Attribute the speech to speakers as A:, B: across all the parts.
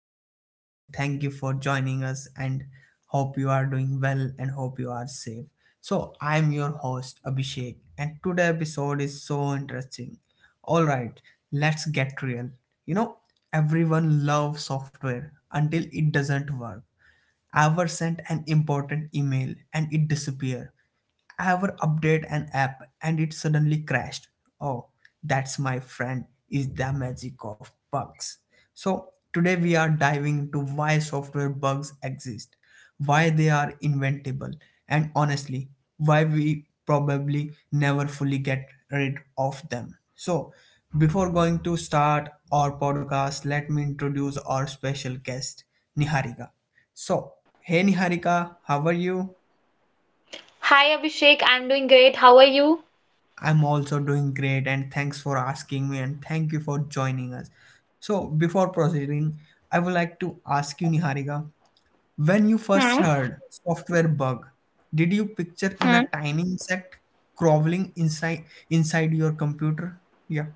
A: Podcast, and thank you for joining us. And hope you are doing well, and hope you are safe. So, I'm your host Abhishek, and today episode is so interesting. All right, let's get real. You know, everyone loves software until it doesn't work. Ever sent an important email and it disappear, ever update an app and it suddenly crashed. Oh, that's my friend, is the magic of bugs. So, today we are diving into why software bugs exist, why they are inventable, and honestly, why we probably never fully get rid of them. So, before going to start our podcast, let me introduce our special guest, Niharika. So, hey Niharika, how are you?
B: Hi Abhishek, I'm doing great. How are you?
A: I'm also doing great, and thanks for asking me, and thank you for joining us. So, before proceeding, I would like to ask you, Niharika, when you first
B: Hmm.
A: heard software bug, did you picture in
B: Hmm.
A: a tiny insect crawling inside your computer? Yeah.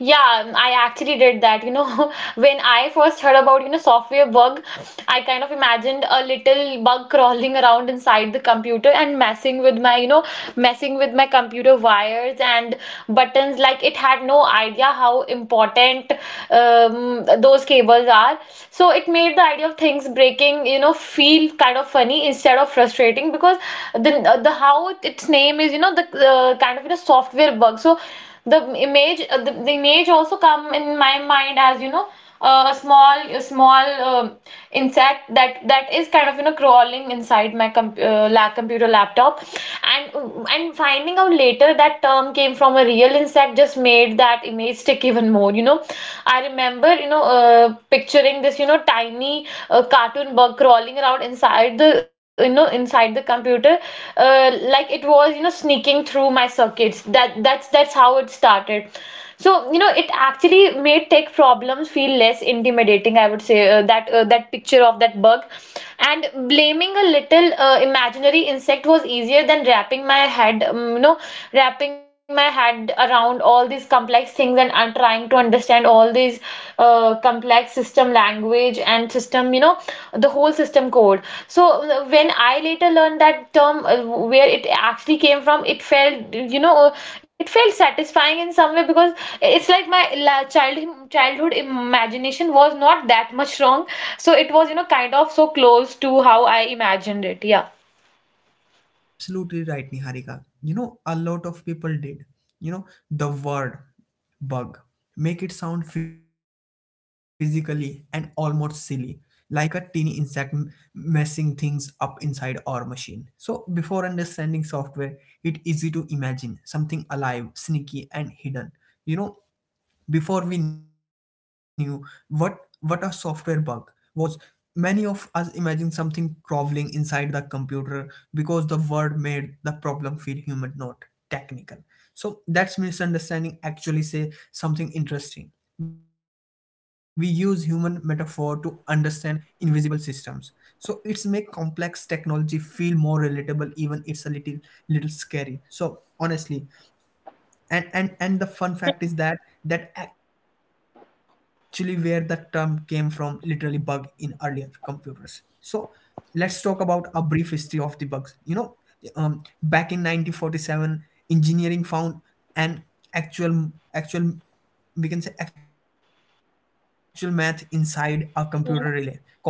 B: Yeah, I actually did that. When I first heard about, software bug, I kind of imagined a little bug crawling around inside the computer and messing with my computer wires and buttons. Like it had no idea how important those cables are. So it made the idea of things breaking, feel kind of funny instead of frustrating, because the how its name is, the kind of software bug. So the image also come in my mind as a small um insect that is kind of crawling inside my computer laptop, and and finding out later that term came from a real insect just made that image stick even more. I remember, picturing this, tiny, cartoon bug crawling around inside the computer, uh, like it was, sneaking through my circuits. That's how it started. So, it actually made tech problems feel less intimidating, I would say. That picture of that bug, and blaming a little, imaginary insect, was easier than wrapping my head around all these complex things, and trying to understand all these, complex system language and system, the whole system code. So, when I later learned that term where it actually came from, it felt, it felt satisfying in some way, because it's like my childhood imagination was not that much wrong. So it was, kind of so close to how I imagined it. Yeah.
A: Absolutely right, Niharika. You know, a lot of people did. You know, the word bug make it sound physically and almost silly, like a teeny insect messing things up inside our machine. So, before understanding software, it easy to imagine something alive, sneaky, and hidden. You know, before we knew what a software bug was, many of us imagined something crawling inside the computer because the word made the problem feel human, not technical. So that's misunderstanding actually say something interesting. We use human metaphor to understand invisible systems. So it's make complex technology feel more relatable even it's a little scary. So honestly, and the fun fact is that that actually where the term came from, literally bug in earlier computers. So let's talk about a brief history of the bugs. You know, back in 1947 engineering found an actual, we can say, actual math inside a computer relay cause of manufacturing,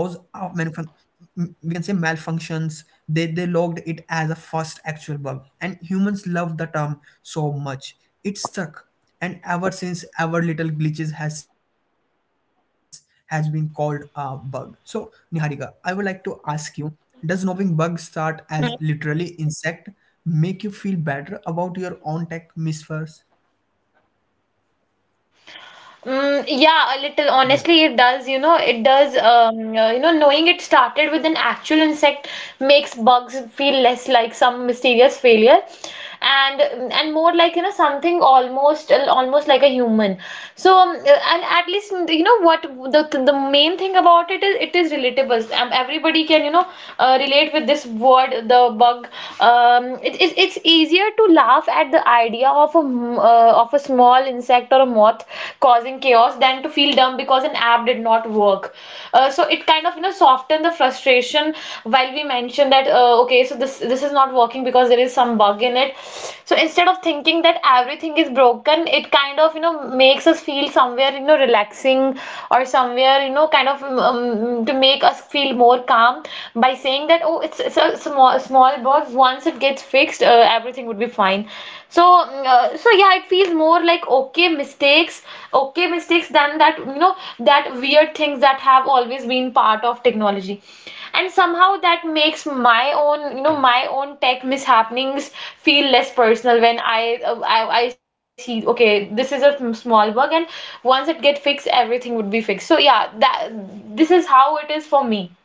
A: we can say, malfunctions. They logged it as a first actual bug and humans loved the term so much it stuck, and ever since our little glitches has been called a bug. So Niharika, I would like to ask you, does knowing bug start as literally insect make you feel better about your own tech misfires? Yeah.
B: Mm, yeah, a little. Honestly, it does. It does. Knowing it started with an actual insect makes bugs feel less like some mysterious failure, and and more like, something almost like a human. So, and at least, what the main thing about it is, it is relatable. Everybody can, relate with this word, the bug. It's easier to laugh at the idea of of a small insect or a moth causing chaos than to feel dumb because an app did not work. So it kind of, softened the frustration, while we mentioned that, okay, so this is not working because there is some bug in it. So, instead of thinking that everything is broken, it kind of, makes us feel somewhere, relaxing, or somewhere, kind of, to make us feel more calm, by saying that, oh, it's a small bug, once it gets fixed, everything would be fine. So, yeah, it feels more like okay mistakes, than that you know that weird things that have always been part of technology, and somehow that makes my own, tech mishappenings feel less personal, when I see, okay, this is a small bug, and once it get fixed, everything would be fixed. So yeah, that, this is how it is for me.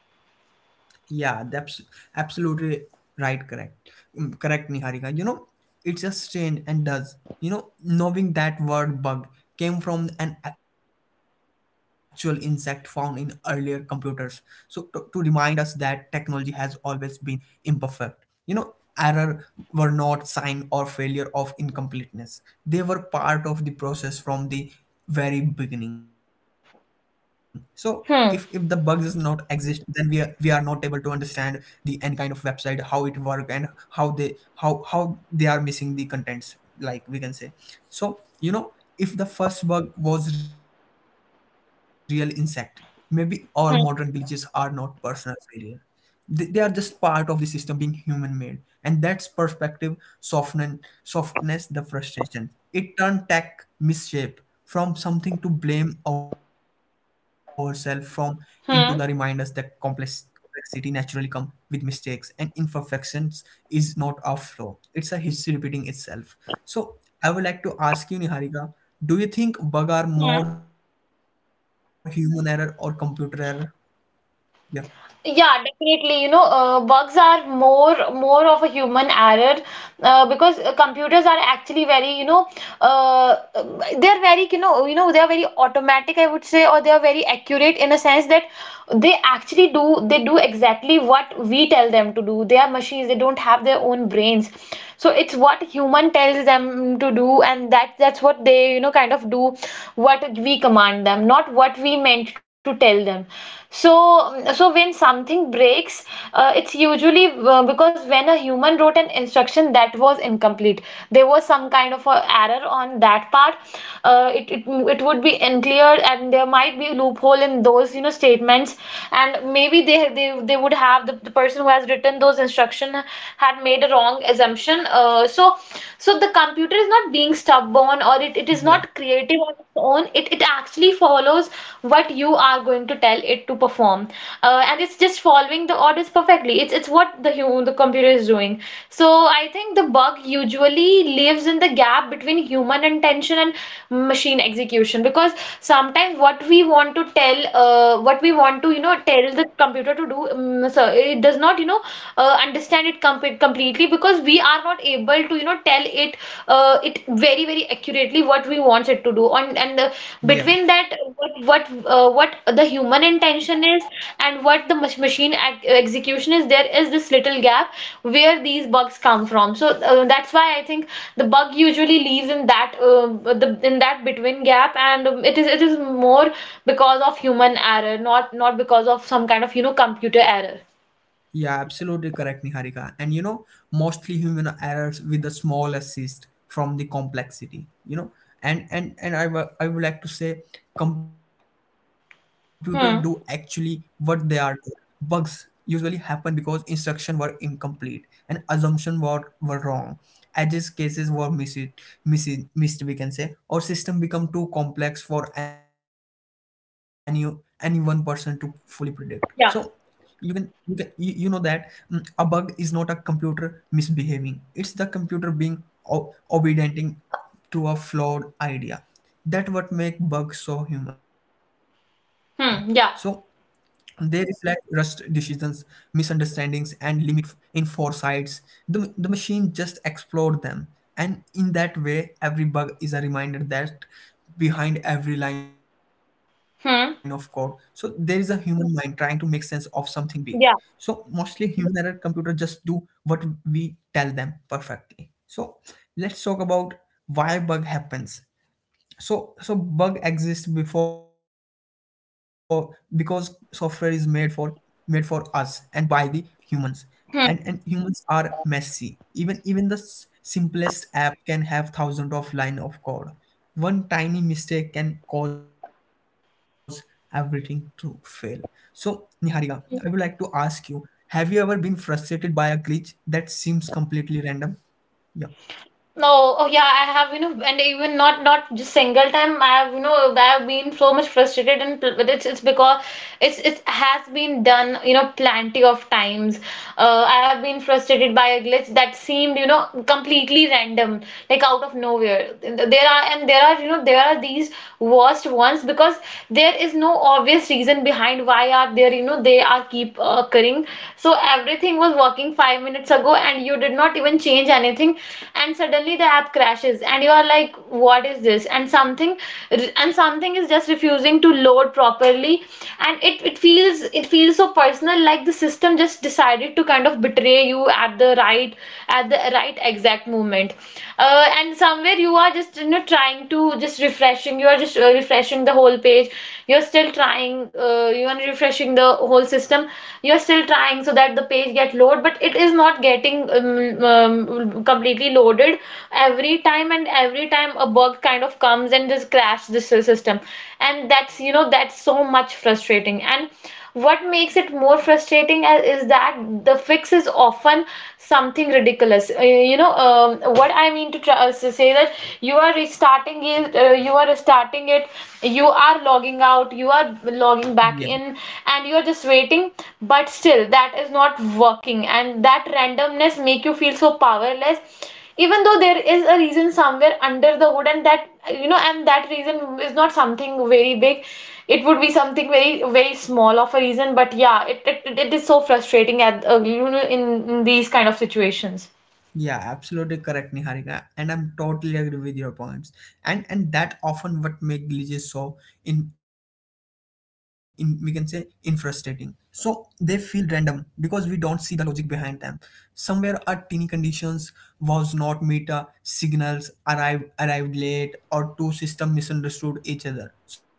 A: Yeah, that's absolutely right. Correct. Mm, correct, Niharika. You know, it's a strange and does. You know, knowing that word bug came from an actual insect found in earlier computers. So, to remind us that technology has always been imperfect. You know, error were not sign or failure of incompleteness. They were part of the process from the very beginning. So if the bugs is
B: Hmm.
A: not exist, then we are not able to understand the any kind of website, how it work and how they, how they are missing the contents, like we can say. So you know, if the first bug was real insect, maybe our modern glitches are
B: Hmm.
A: not personal failure. They are just part of the system being human made, and that's perspective soften, softness the frustration. It turned tech misshape from something to blame ourselves from into the reminders that
B: Hmm.
A: complexity naturally come with mistakes and imperfections, is not a flaw, it's a history repeating itself. So I would like to ask you, Niharika, do you think bug are
B: Hmm.
A: more human error or computer error? Yeah.
B: Yeah, definitely. Bugs are more of a human error, because, computers are actually very, uh, they are very automatic, I would say, or they are very accurate, in a sense that they actually do exactly what we tell them to do. They are machines. They don't have their own brains. So, it's what human tells them to do, and that's what they, kind of do what we command them, not what we meant to tell them. So when something breaks, it's usually, because when a human wrote an instruction that was incomplete, there was some kind of a error on that part. Uh, it, it it would be unclear, and there might be a loophole in those, statements. And maybe they would have, the person who has written those instructions had made a wrong assumption. So the computer is not being stubborn, or it is
A: Yeah.
B: not creative on its own. It actually follows what you are going to tell it to perform. And it's just following the orders perfectly. It's what the computer is doing. So, I think the bug usually lives in the gap between human intention and machine execution, because sometimes what we want to tell, what we want to, you know, tell the computer to do, so it does not, understand it completely, because we are not able to, tell it very very accurately, what we want it to do, on. And,
A: Yeah,
B: between that, what the human intention is and what the machine execution is, there is this little gap where these bugs come from. So, that's why I think the bug usually leaves in that the in that between gap. And, it is more because of human error, not because of some kind of, computer error.
A: Yeah, absolutely correct, Niharika. And you know, mostly human errors with a small assist from the complexity. You know, I would like to say, computer do actually what they are
B: Hmm.
A: doing. Bugs usually happen because instruction were incomplete and assumption were wrong. Edges cases were missed, missed. We can say, or system become too complex for any one person to fully predict. So you can
B: Yeah.
A: you can, you know that a bug is not a computer misbehaving, it's the computer being obedient to a flawed idea. That what make bugs so human. So they
B: Hmm. Yeah.
A: reflect rushed decisions, misunderstandings, and limit in foresights. The machine just explored them. And in that way, every bug is a reminder that behind every line of code. So there is a
B: Hmm.
A: human mind trying to make sense of something big. So mostly
B: Yeah.
A: human error, computer just do what we tell them perfectly. So let's talk about why bug happens. So so bug exists before because software is made for made for us and by the humans. And
B: Hmm.
A: humans are messy. Even even the simplest app can have thousands of line of code. One tiny mistake can cause everything to fail. So Niharika, I would like to ask you, have you ever been frustrated by a glitch that seems completely random? Yeah.
B: No. Oh, yeah. I have, and even not just single time. I have been so much frustrated, and but it's because it has been done, plenty of times. I have been frustrated by a glitch that seemed, completely random, like out of nowhere. There are and there are, you know, there are these worst ones, because there is no obvious reason behind why are there, they are keep occurring. So everything was working 5 minutes ago and you did not even change anything, and suddenly the app crashes and you are like, what is this? And something is just refusing to load properly. And it feels so personal, like the system just decided to kind of betray you at the right exact moment. And somewhere you are just, trying to just refreshing you are just refreshing the whole page. You're still trying, you are refreshing the whole system. You're still trying so that the page get load, but it is not getting, completely loaded every time, and every time a bug kind of comes and just crash the system. And that's so much frustrating. And what makes it more frustrating, is that the fix is often something ridiculous. What I mean to say that you are restarting it, you are logging out, you are logging back in, and you are just waiting. But still, that is not working, and that randomness make you feel so powerless, even though there is a reason somewhere under the hood, and that you know and that reason is not something very big. It would be something very, very small of a reason. But yeah, it is so frustrating at, in these kind of situations.
A: Yeah, absolutely correct, Niharika, and I'm totally agree with your points. And that often what make glitches so, in, we can say, in frustrating. So they feel random because we don't see the logic behind them. Somewhere a teeny conditions was not met, signals arrived late, or two system misunderstood each other. So,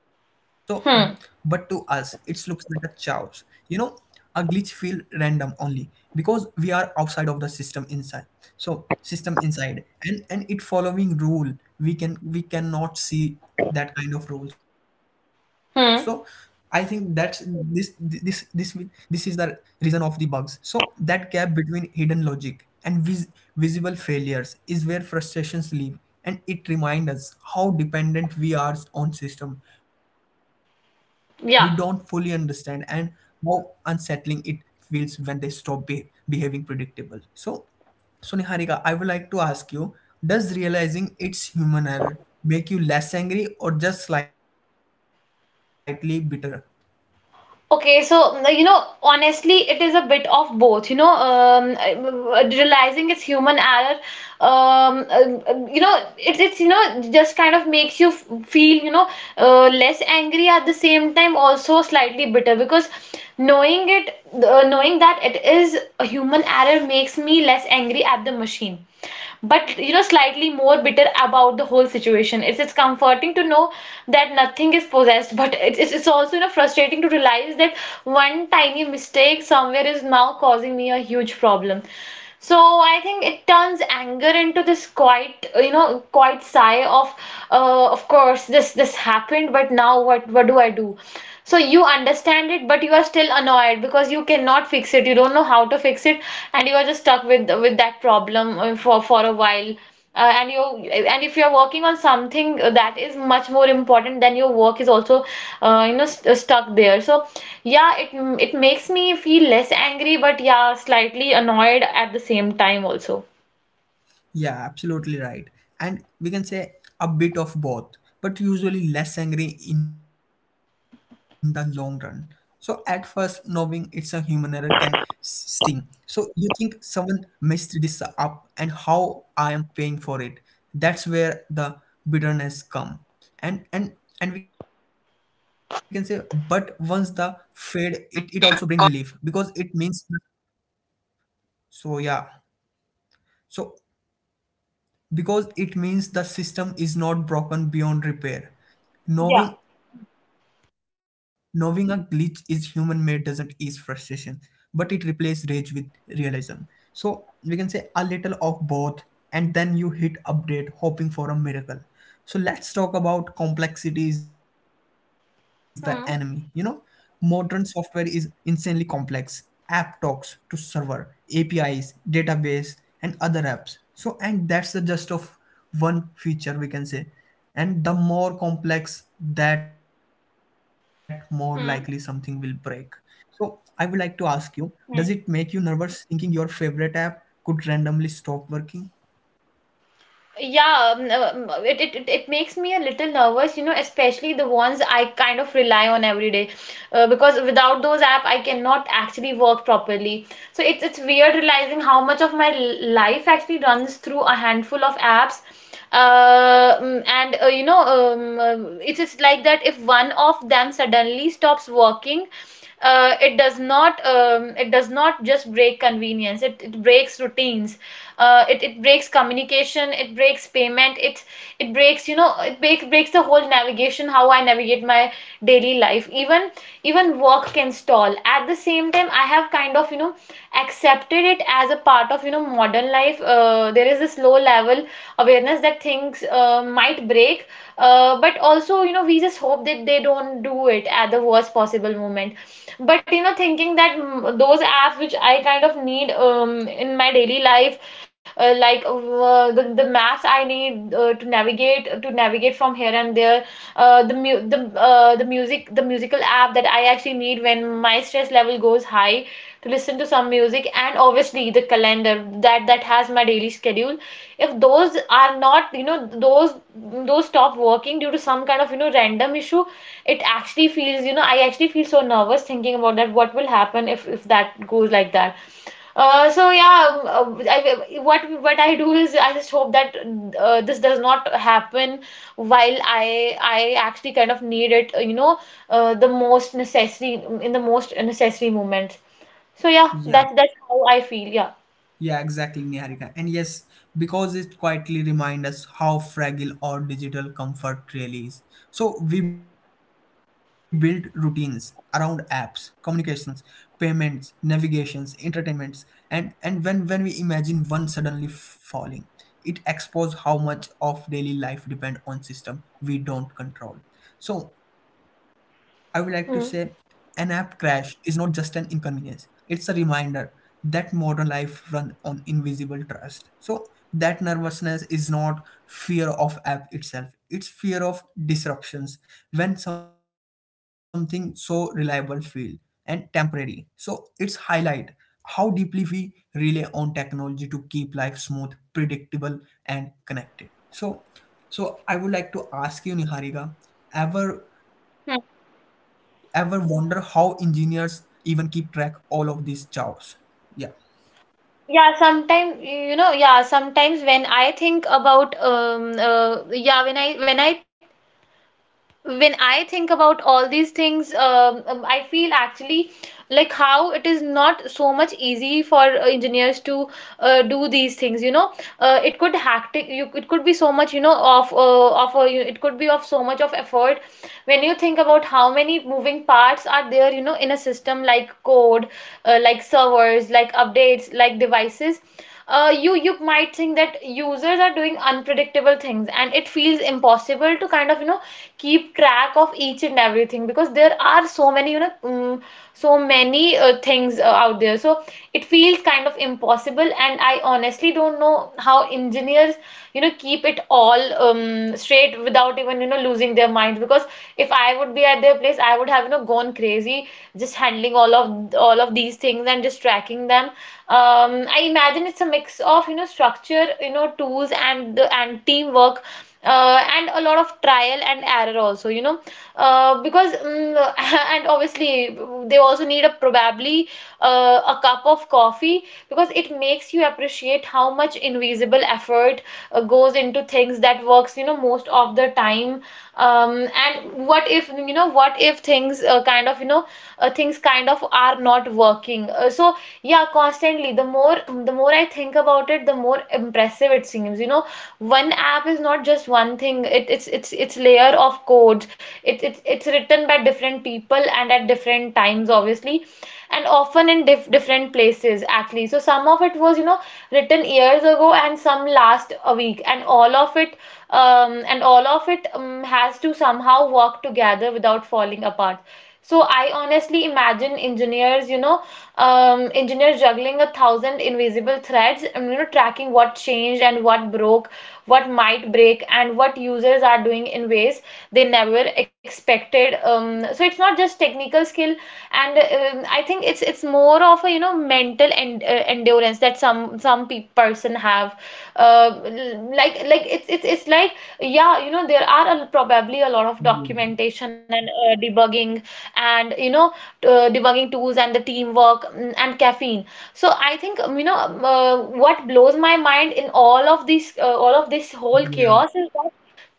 A: but to us, it
B: Hmm.
A: looks like a chaos. You know, a glitch feel random only because we are outside of the system inside. So system inside and it following rule, we can, we cannot see that kind of rule. So I think that's
B: Hmm.
A: this this this will this is the reason of the bugs. So that gap between hidden logic and visible failures is where frustrations live, and it reminds us how dependent we are on system we don't fully understand, and
B: Yeah.
A: how unsettling it feels when they stop behaving predictable. So so Niharika, I would like to ask you, does realizing it's human error make you less angry or just slightly bitter?
B: Okay, so, honestly, it is a bit of both. You know, realizing it's human error, you know, it, it's you know just kind of makes you feel less angry. At the same time, also slightly bitter because knowing it, knowing that it is a human error makes me less angry at the machine, but you know slightly more bitter about the whole situation. It's comforting to know that nothing is possessed, but it's also you know frustrating to realize that one tiny mistake somewhere is now causing me a huge problem. So I think it turns anger into this quite you know quite sigh of, of course this happened, but now what do I do? So you understand it but you are still annoyed because you cannot fix it, you don't know how to fix it, and you are just stuck with that problem for a while. uh, and you and if you're working on something that is much more important, then your work is also you know st stuck there. So yeah, it makes me feel less angry, but yeah, slightly annoyed at the same time also.
A: Yeah, absolutely right. And we can say a bit of both, but usually less angry in the long run. So at first, knowing it's a human error can sting. So you think someone messed this up and how I am paying for it. That's where the bitterness come. And and and we can say, but once the fade, it also bring relief because it means, so yeah. So because it means the system is not broken beyond
B: Yeah.
A: repair. Knowing Knowing a glitch is human made doesn't ease frustration, but it replaces rage with realism. So we can say a little of both, and then you hit update hoping for a miracle. So let's talk about complexity is the enemy. You know,
B: Hmm.
A: modern software is insanely complex. App talks to server, APIs, database, and other apps. So, and that's the just of one feature, we can say. And the more complex, that more likely something will break.
B: Hmm.
A: So, I would like to ask you, does it make you nervous thinking your favorite app could randomly stop working?
B: Yeah, it makes me a little nervous, you know, especially the ones I kind of rely on every day, because without those app I cannot actually work properly. So it's weird realizing how much of my life actually runs through a handful of apps. Mm, and You know, it is like that if one of them suddenly stops working, it does not, it does not just break convenience, it breaks routines, it, it breaks communication, it breaks payment, it breaks, you know, it breaks the whole navigation, how I navigate my daily life. Even even work can stall. At the same time, I have kind of you know accepted it as a part of you know modern life. There is this low level awareness that things might break, but also you know we just hope that they don't do it at the worst possible moment. But you know thinking that, those apps which I kind of need in my daily life, like the maps I need to navigate from here and there, the mu- the music the musical app that I actually need when my stress level goes high to listen to some music, and obviously the calendar that has my daily schedule, if those are not you know, those stop working due to some kind of you know random issue, it actually feels, you know, I actually feel so nervous thinking about that, what will happen if that goes like that. So yeah, I, what I do is I just hope that this does not happen while I actually kind of need it, you know the most necessary in the most necessary moment. So yeah,
A: Yeah.
B: that that's how I feel. Yeah.
A: Yeah, exactly, Niharika. And yes, because it quietly reminds us how fragile our digital comfort really is. So we build routines around apps, communications, payments, navigations, entertainments, and when we imagine one suddenly falling, it exposes how much of daily life depend on system we don't control. So I would like to say, an app
B: Hmm.
A: crash is not just an inconvenience, it's a reminder that modern life run on invisible trust. So that nervousness is not fear of app itself, it's fear of disruptions when something so reliable feel and temporary. So it's highlight how deeply we rely on technology to keep life smooth, predictable and connected. So so I would like to ask you, Niharika, ever ever wonder how engineers even keep track all of this chaos? Yeah.
B: Yeah, sometimes, you know, yeah, sometimes when I think about when I think about all these things, I feel actually like how it is not so much easy for engineers to do these things, you know. It could hectic you, it could be so much, you know, of it could be of so much of effort when you think about how many moving parts are there, you know, in a system, like code, like servers, like updates, like devices. You you might think that users are doing unpredictable things and it feels impossible to kind of you know keep track of each and everything because there are so many you know, so many things out there. So it feels kind of impossible, and I honestly don't know how engineers you know keep it all straight without even you know losing their minds, because if I would be at their place, I would have, you know, gone crazy just handling all of these things and just tracking them. Um, I imagine it's a mix of, you know, structure, you know, tools and the and teamwork. And a lot of trial and error also, you know, uh, because mm, and obviously they also need, a probably, a cup of coffee, because it makes you appreciate how much invisible effort goes into things that works, you know, most of the time. And what if, you know, what if things kind of you know, things kind of are not working. So yeah, constantly, the more I think about it, the more impressive it seems. You know, one app is not just one thing, it, it's layer of code. It it's written by different people and at different times obviously, and often in different places actually. So some of it was you know written years ago, and some last a week, and all of it, has to somehow work together without falling apart. So I honestly imagine engineers, you know, engineers juggling a thousand invisible threads, and you know, tracking what changed and what broke, what might break, and what users are doing in ways they never expected. So it's not just technical skill, and I think it's more of a you know mental and endurance that some person have. uh, it's it's like, yeah, you know, there are a, probably a lot of
A: Yeah.
B: documentation and debugging, and you know debugging tools and the teamwork, and caffeine. So I think what blows my mind in all of this whole chaos
A: Yeah.
B: is that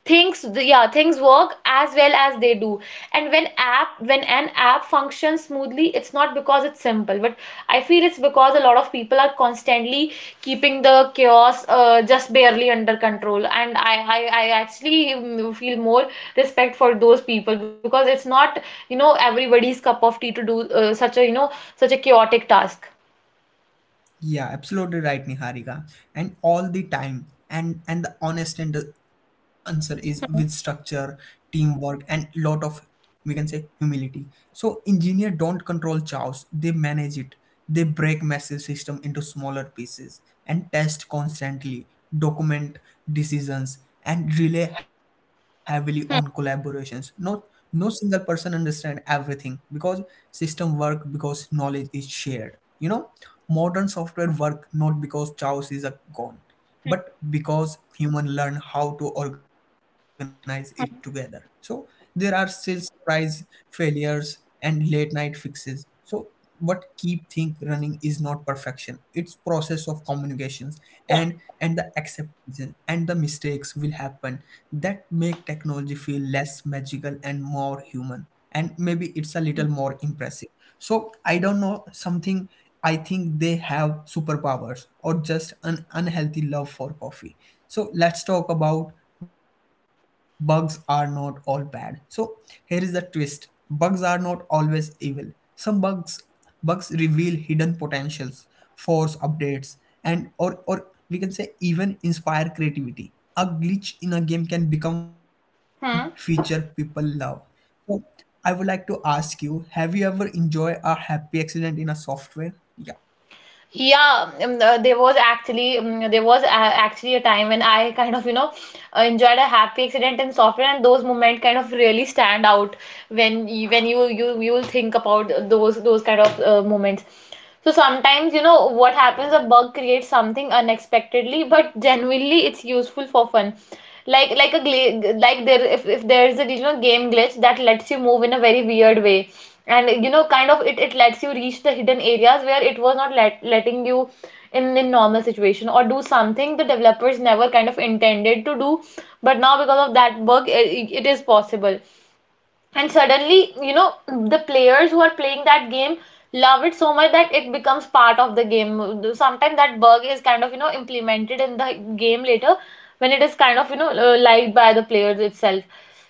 B: things, yeah, things work as well as they do. And when app when an app functions smoothly, it's not because it's simple, but I feel it's because a lot of people are constantly keeping the chaos just barely under control. And I actually, feel more respect for those people, because it's not you know everybody's cup of tea to do such a you know such a chaotic task.
A: Yeah, absolutely right, Niharika. And all the time, and the honest and the answer is with structure, teamwork, and lot of, we can say, humility. So engineer don't control chaos; they manage it. They break massive system into smaller pieces and test constantly, document decisions, and rely heavily on
B: Hmm.
A: collaborations. Not No single person understand everything, because system work because knowledge is shared. You know, modern software work not because chaos is a gone, but because human learn how to organize it together. So
B: Hmm.
A: there are still surprise failures and late night fixes. So what keep think running is not perfection, it's process of communications and the acceptance and the mistakes will happen, that make technology feel less magical and more human, and maybe it's a little more impressive. So I don't know something, I think they have superpowers or just an unhealthy love for coffee. So let's talk about bugs are not all bad. So here is the twist, bugs are not always evil. Some bugs Bugs reveal hidden potentials, force updates, and, or we can say, even inspire creativity. A glitch in a game can become feature people
B: Hmm.
A: love. So I would like to ask you, have you ever enjoyed a happy accident in a software? Yeah.
B: Yeah, there was actually, there was actually a time when I kind of you know enjoyed a happy accident in software, and those moments kind of really stand out when you, when you will think about those kind of moments. So sometimes you know what happens, a bug creates something unexpectedly, but genuinely it's useful for fun. Like a like there, if there is a you know game glitch that lets you move in a very weird way, and you know kind of it, it lets you reach the hidden areas where it was not letting you in normal situation, or do something the developers never kind of intended to do, but now because of that bug, it is possible. And suddenly you know the players who are playing that game love it so much that it becomes part of the game. Sometimes that bug is kind of you know implemented in the game later, when it is kind of you know liked by the players itself.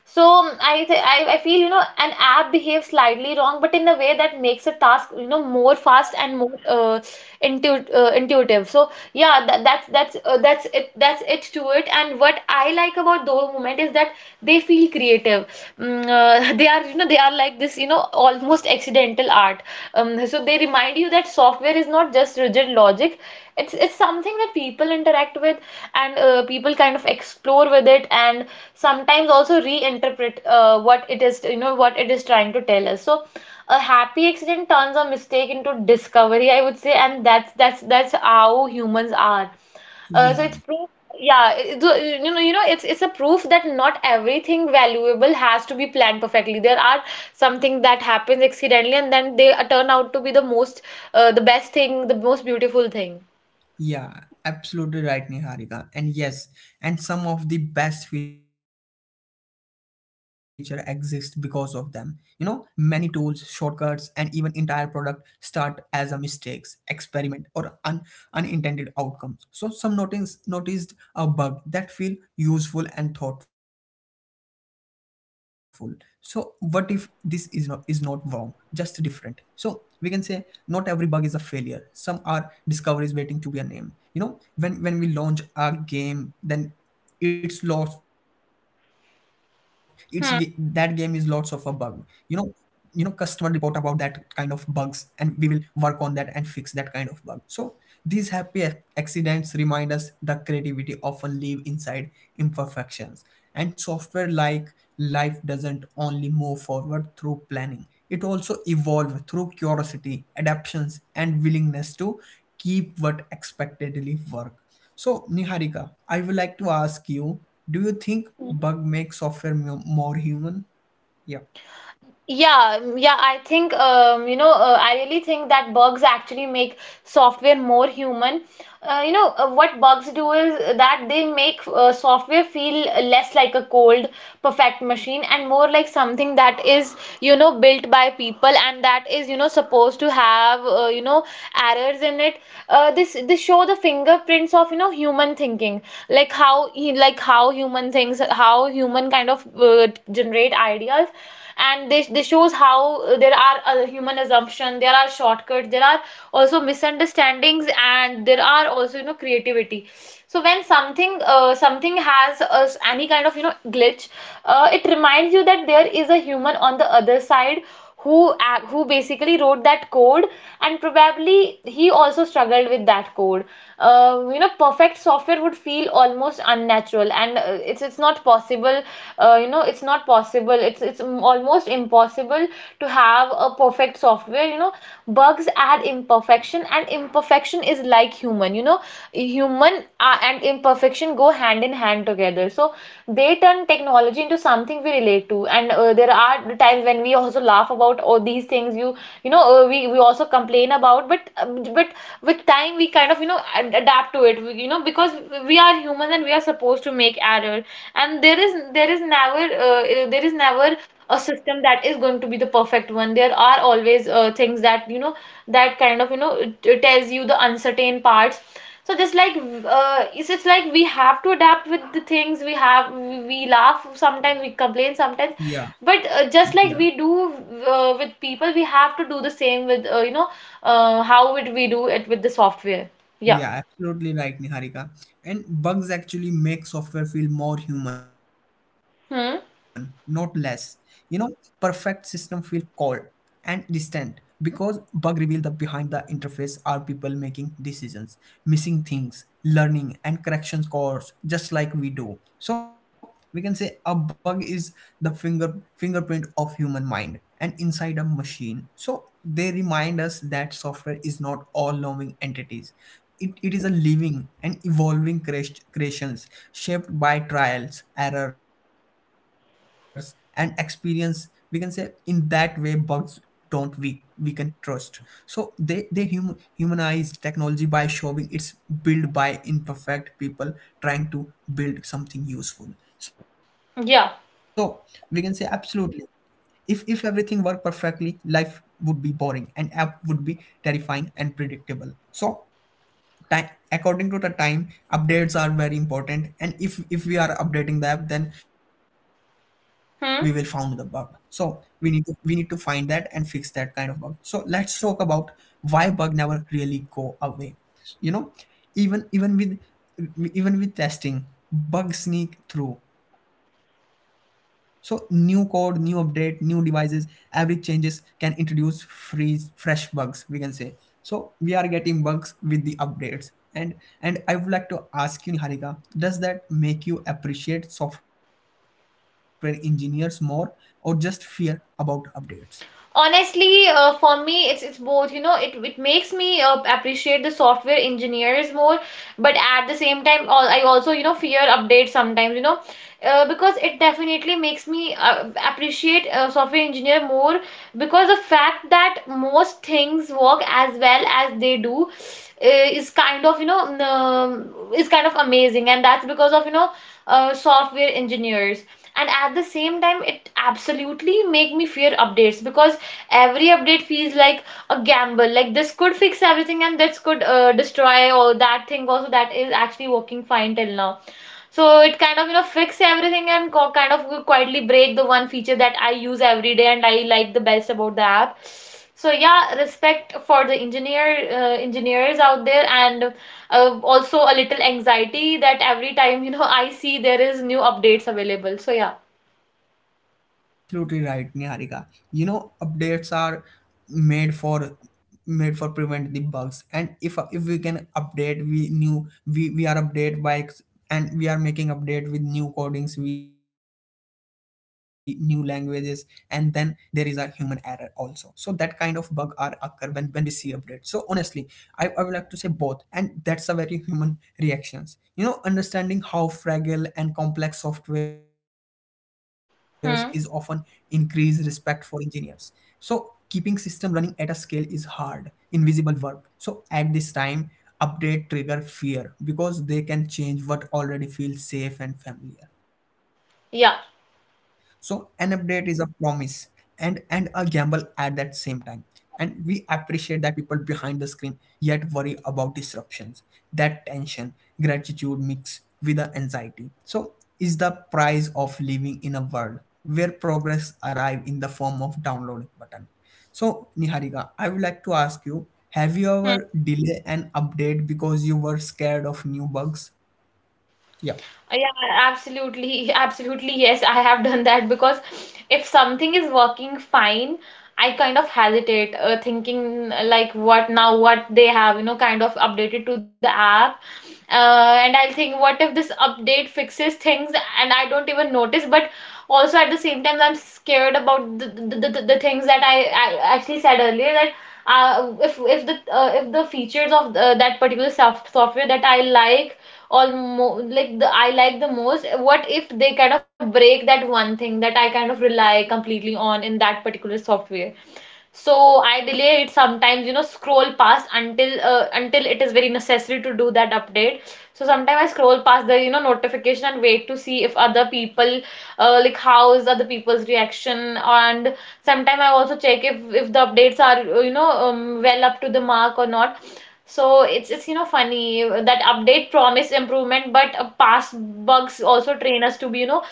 B: So I, th- I feel, you know, an app behaves slightly wrong, but in a way that makes a task you know more fast and more intuitive. So yeah, that, that's it, that's it to it. And what I like about those moments is that they feel creative. They are you know, they are like this you know almost accidental art. So they remind you that software is not just rigid logic. It's something that people interact with, and people kind of explore with it, and sometimes also reinterpret what it is, you know, what it is trying to tell us. So a happy accident turns a mistake into discovery, I would say. And that's how humans are. So
A: Yeah.
B: it's proof, yeah, so, you know, you know it's a proof that not everything valuable has to be planned perfectly. There are something that happens accidentally, and then they turn out to be the most the best thing, the most beautiful thing.
A: Yeah, absolutely right, Niharika. And yes, and some of the best feature exist because of them. You know, many tools, shortcuts, and even entire product start as a mistakes, experiment, or unintended outcomes. So some noticed a bug that feel useful and thoughtful. So what if this is not wrong, just different? So we can say not every bug is a failure. Some are discoveries waiting to be a name. You know, when we launch a game, then it's lots it's ga- that game is lots of a bug.
B: Hmm.
A: You know, customer report about that kind of bugs and we will work on that and fix that kind of bug. So these happy accidents remind us the creativity often live inside imperfections. And software, like life, doesn't only move forward through planning. It also evolves through curiosity, adaptations, and willingness to keep what expectedly work. So Niharika, I would like to ask you, do you think bug makes software more human? Yeah.
B: Yeah, yeah, I think you know, I really think that bugs actually make software more human. You know, what bugs do is that they make software feel less like a cold, perfect machine, and more like something that is, you know, built by people, and that is, you know, supposed to have, you know, errors in it. This show the fingerprints of, you know, human thinking, like how human things, how human kind of generate ideas. And this shows how there are human assumption, there are shortcuts, there are also misunderstandings, and there are also, you know, creativity. So when something has any kind of, you know, glitch, it reminds you that there is a human on the other side who basically wrote that code, and probably he also struggled with that code. You know, perfect software would feel almost unnatural, and it's not possible. You know, it's not possible, it's almost impossible to have a perfect software, you know. Bugs add imperfection, and imperfection is like human, you know, human and imperfection go hand in hand together. So they turn technology into something we relate to, and there are times when we also laugh about all these things. You know, we also complain about, but with time we kind of, you know, adapt to it, you know, because we are humans and we are supposed to make error. And there is never there is never a system that is going to be the perfect one. There are always things that, you know, that kind of, you know, tells you the uncertain parts. So just like it's just like we have to adapt with the things we have. We
A: Yeah,
B: laugh sometimes, we
A: yeah,
B: complain sometimes, but just like we do with people, we have to do the same with, how would we do it with the software. Yeah.
A: yeah, absolutely right, Niharika. And bugs actually make software feel more human, not less. You
B: Hmm.
A: know, perfect system feel cold and distant, because bug reveal the behind the interface are people making decisions, missing things, learning, and corrections course, just like we do. So we can say a bug is the fingerprint of human mind and inside a machine. So they remind us that software is not all knowing entities. It is a living and evolving creations, shaped by trials, errors, and experience. We can say in that way bugs don't we weaken trust, so they humanize technology by showing it's built by imperfect people trying to build something useful. So we can say
B: Yeah.
A: absolutely, if everything worked perfectly, life would be boring and app would be terrifying and predictable. So time, according to the time, updates are very important, and if we are updating the app, then we will found the bug, so
B: Hmm.
A: we need to find that and fix that kind of bug. So let's talk about why bug never really go away. You know, even even with even with testing, bugs sneak through. So new code, new update, new devices, every changes can introduce freeze fresh bugs, we can say. So we are getting bugs with the updates. And and I would like to ask you, Niharika, does that make you appreciate software engineers more, or just fear about updates?
B: Honestly, for me it's both, you know. It makes me appreciate the software engineers more, but at the same time all I also, you know, fear updates sometimes, you know. Because it definitely makes me appreciate software engineer more, because the fact that most things work as well as they do is kind of, you know, is kind of amazing, and that's because of, you know, software engineers. And at the same time it absolutely make me fear updates, because every update feels like a gamble. Like this could fix everything, and this could destroy or that thing also that is actually working fine till now. So it kind of, you know, fix everything and kind of quietly break the one feature that I use every day and I like the best about the app. So yeah, respect for the engineers out there, and also a little anxiety that every time, you know, I see there is new updates available. So yeah.
A: Yeah, absolutely right, Niharika. You know, updates are made for made for prevent the bugs, and if we can update, we new we are update by and we are making update with new codings, we new languages, and then there is a human error also. So that kind of bug are occur when we see update. So honestly, I would like to say both, and that's a very human reactions. You know, understanding how fragile and complex softwares is often increase respect for
B: Hmm.
A: engineers. So keeping system running at a scale is hard invisible work. So at this time, update trigger fear because they can change what already feels safe and familiar. So an update
B: Yeah.
A: is a promise and a gamble at that same time, and we appreciate that people behind the screen, yet worry about disruptions. That tension, gratitude mixed with the anxiety, so is the price of living in a world where progress arrive in the form of download button. So Niharika, I would like to ask you, have you
B: Hmm.
A: ever delay an update because you were scared of new bugs? Yeah
B: Yeah, absolutely, absolutely. Yes, I have done that because if something is working fine, I kind of hesitate, thinking like what now, what they have, you know, kind of updated to the app, and I'll think, what if this update fixes things and I don't even notice? But also at the same time, I'm scared about the things that I actually said earlier, that if the features of that particular software that I like almost like the I like the most, what if they kind of break that one thing that I kind of rely completely on in that particular software? So I delay it sometimes, you know, scroll past until it is very necessary to do that update. So sometimes I scroll past the, you know, notification and wait to see if other people, like how is other people's reaction. And sometimes I also check if the updates are, well up to the mark or not. So it's you know funny that update promise improvement, but past bugs also train us to be, you know,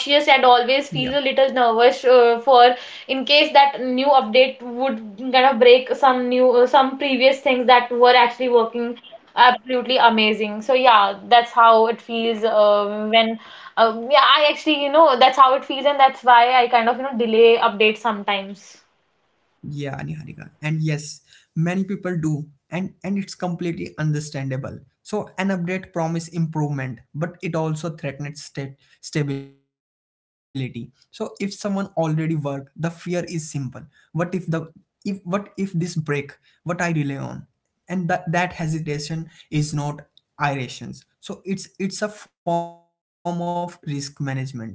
A: yeah
B: and always feel a little nervous for, in case that new update would kind of break some new some previous things that were actually working absolutely amazing. So yeah, that's how it feels, when, yeah, I actually, you know, that's how it feels, and that's why I kind of, you know, delay updates sometimes.
A: Yeah, Niharika. And yes, many people do, and it's completely understandable. So an update promise improvement, but it also threatens stability. So if someone already work, the fear is simple. What if the if what if this break? What I rely on? And that hesitation is not irrations, so it's a form of risk management. And you know,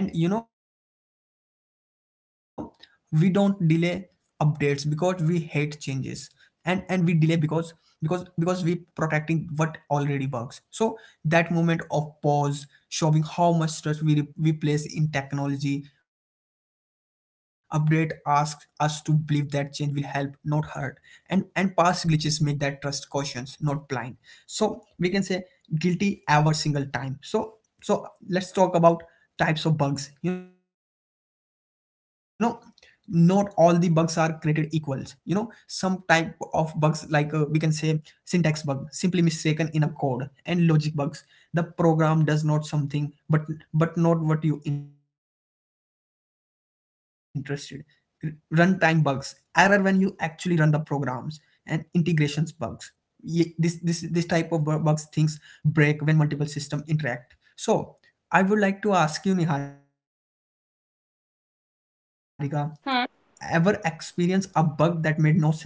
A: we don't delay updates because we hate changes, and we delay because because we protecting what already works. So that moment of pause showing how much trust we place in technology. Update asks us to believe that change will help, not hurt. And past glitches make that trust cautious, not blind. So we can say guilty every single time. So let's talk about types of bugs. You know, not all the bugs are created equals. You know, some type of bugs like, we can say, syntax bug, simply mistaken in a code, and logic bugs, the program does not something, but not what you interested. Runtime bugs, error when you actually run the programs. And integrations bugs, this this type of bugs things break when multiple system interact. So I would like to ask you, Niharika, ever experience a bug that made no
B: Hmm.
A: sense to you at all? Yeah.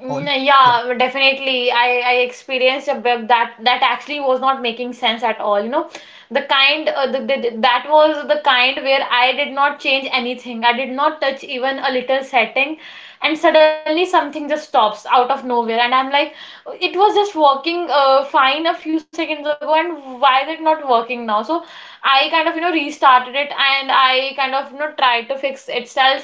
B: Mm, yeah, definitely. I experienced a bit that actually was not making sense at all. You know, the kind the, that was the kind where I did not change anything. I did not touch even a little setting, and suddenly something just stops out of nowhere, and I'm like, it was just working fine a few seconds ago, and why is it not working now? So I kind of, you know, restarted it, and I kind of, you know, tried to fix itself,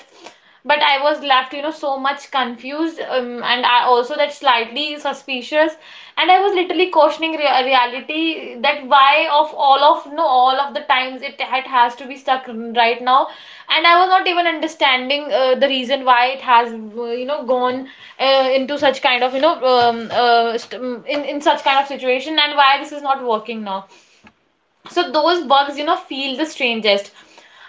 B: but I was left, you know, so much confused, and I also that slightly suspicious. And I was literally questioning reality, that why of all of no all of the times it had has to be stuck right now, and I was not even understanding the reason why it has, you know, gone into such kind of, you know, in such kind of situation, and why this is not working now. So those bugs, you know, feel the strangest.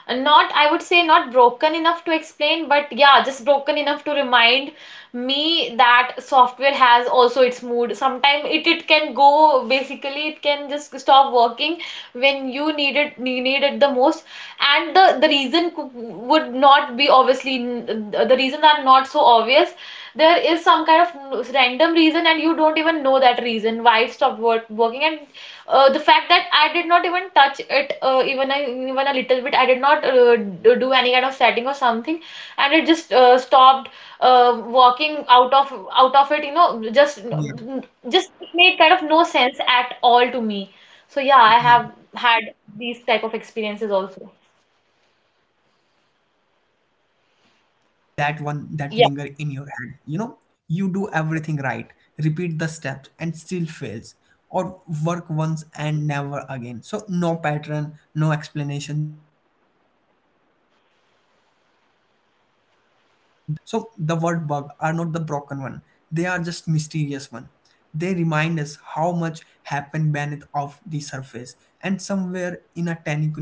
B: Not, I would say, not broken enough to explain, but yeah, just broken enough to remind me that software has also its mood. Sometimes it can go, basically, it can just stop working when you need it the most. And the reason would not be obviously, the reasons are not so obvious. There is some kind of random reason, and you don't even know that reason why it stopped working. And the fact that I did not even touch it even a little bit, I did not do any kind of setting or something, and it just stopped walking out of it, you know, just
A: Yeah.
B: it made kind of no sense at all to me. So yeah, I
A: Yeah.
B: have had these type of experiences also.
A: Yeah, absolutely right, Niharika. And those are that one that linger in your head. You know, you do everything right, repeat the steps and still fails, or work once and never again. So no pattern, no explanation, just confusion. That what make those bugs so unsettling. So the word bug are not the broken one. They are just mysterious one. They remind us how much happened beneath of the surface, and somewhere in a tiny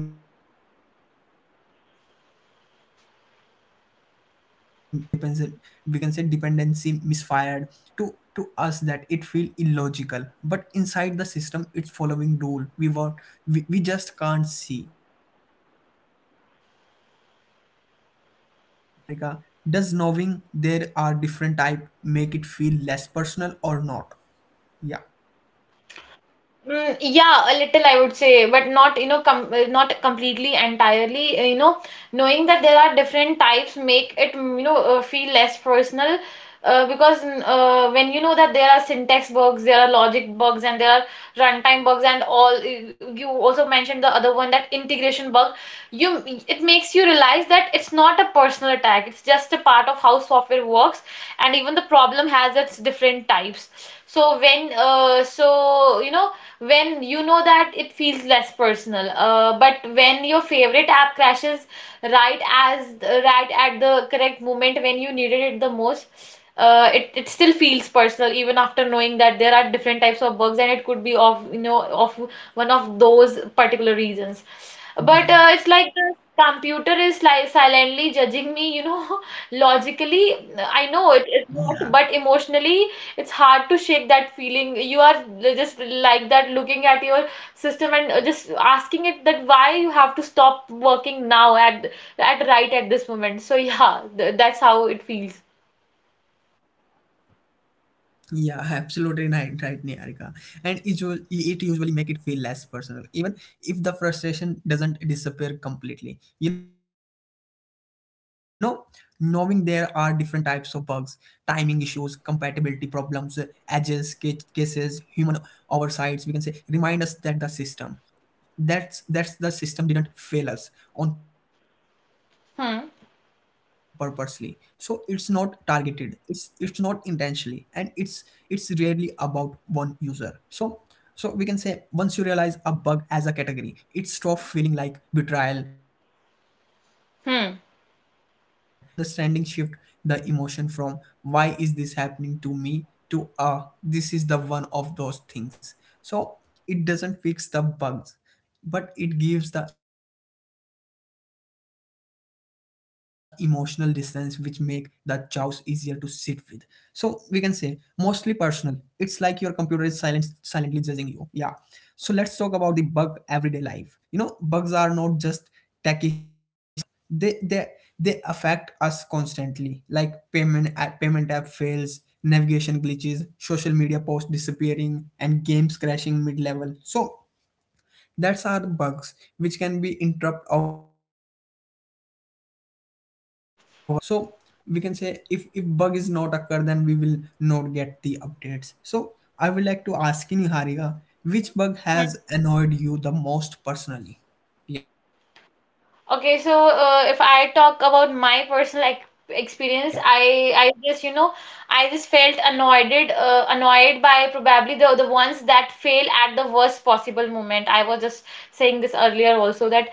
A: conditions flipped, timing shifted, or hidden depends, we can say, dependency misfired. To us that it feel illogical, but inside the system it's following rule we just can't see. So we can say that kind of things. So I would like to ask you, Niharika, does knowing there are different type make it feel less personal or not? Yeah
B: Mm, yeah, a little I would say, but not, you know, com not completely entirely. You know, knowing that there are different types make it, you know, feel less personal, when you know that there are syntax bugs, there are logic bugs, and there are runtime bugs, and all. You also mentioned the other one, that integration bug. You It makes you realize that it's not a personal attack, it's just a part of how software works, and even the problem has its different types. So you know, when you know that, it feels less personal, but when your favorite app crashes right at the correct moment when you needed it the most, it still feels personal, even after knowing that there are different types of bugs, and it could be of, you know, of one of those particular reasons.
A: yeah
B: But it's like the computer is like silently judging me, you know. Logically,
A: yeah
B: I know it is not, but emotionally, it's hard to shake that feeling. You are just like that, looking at your system and just asking it that why you have to stop working now at right at this moment. So yeah, th that's how it feels.
A: Yeah, absolutely right, Niharika. And it, it usually make it feel less personal, even if the frustration doesn't disappear completely. You know, knowing there are different types of bugs, timing issues, compatibility problems, edges, cases, human oversights, we can say, remind us that the system that's the system didn't fail us on purposely. So it's not targeted,
B: Hmm.
A: it's not intentionally, and it's rarely about one user. So we can say, once you realize a bug as a category, it stops feeling like betrayal and starts feeling like machine.
B: Hmm.
A: So that's understanding shift the emotion from why is this happening to me to, uh, this is the one of those things. So it doesn't fix the bugs, but it gives the emotional distance which make the chows easier to sit with. So we can say mostly personal, it's like your computer is silently judging you. Yeah. So let's talk about the bug everyday life. You know, bugs are not just techy stuff, they affect us constantly, like payment app fails, navigation glitches, social media posts disappearing, and games crashing mid level. So that's our bugs, which can be interrupt our daily routine. Mm, We can say kind of applications work. So we can say, if bug is not occur, then we will not get the updates. So I would like to ask you, Niharika, which bug has annoyed you the most personally? Yeah,
B: Okay, so if I talk about my personal ex experience, I just, you know, I just felt annoyed, annoyed by probably the ones that fail at the worst possible moment. I was just saying this earlier also, that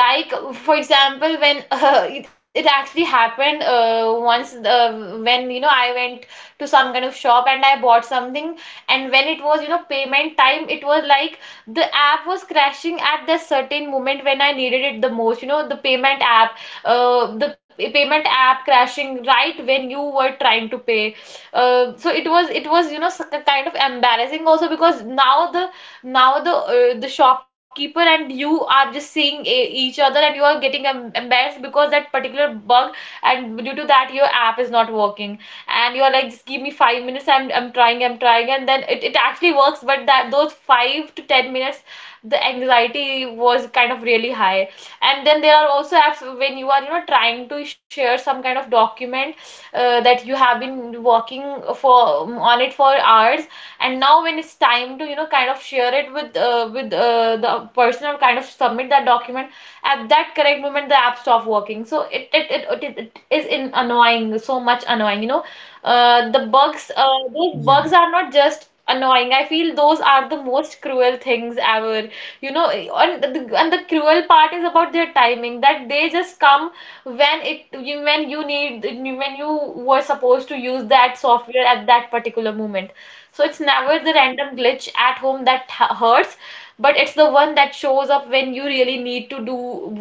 B: like, for example, when it actually happened once, when, you know, I went to some kind of shop and I bought something, and when it was, you know, payment time, it was like the app was crashing at the certain moment when I needed it the most. You know, the payment app, payment app crashing right when you were trying to pay. It was, you know, kind of embarrassing also, because now now the the shopkeeper and you are just seeing each other, and you are getting embarrassed because that particular bug, and due to that your app is not working, and you're like, just give me 5 minutes, I'm trying, I'm trying, and then it actually works. But that those 5 to 10 minutes, the anxiety was kind of really high. And then there are also apps when you are, you know, trying to share some kind of document that you have been working for on it for hours, and now when it's time to, you know, kind of share it with, the person, or kind of submit that document at that correct moment, the app stops working. So it is in annoying, so much annoying, you know,
A: yeah,
B: the bugs, those bugs are not just annoying. I feel those are the most cruel things ever. You know, and the cruel part is about their timing, that they just come when when you need, when you were supposed to use that software at that particular moment. So it's never the random glitch at home that hurts, but it's the one that shows up when you really need to do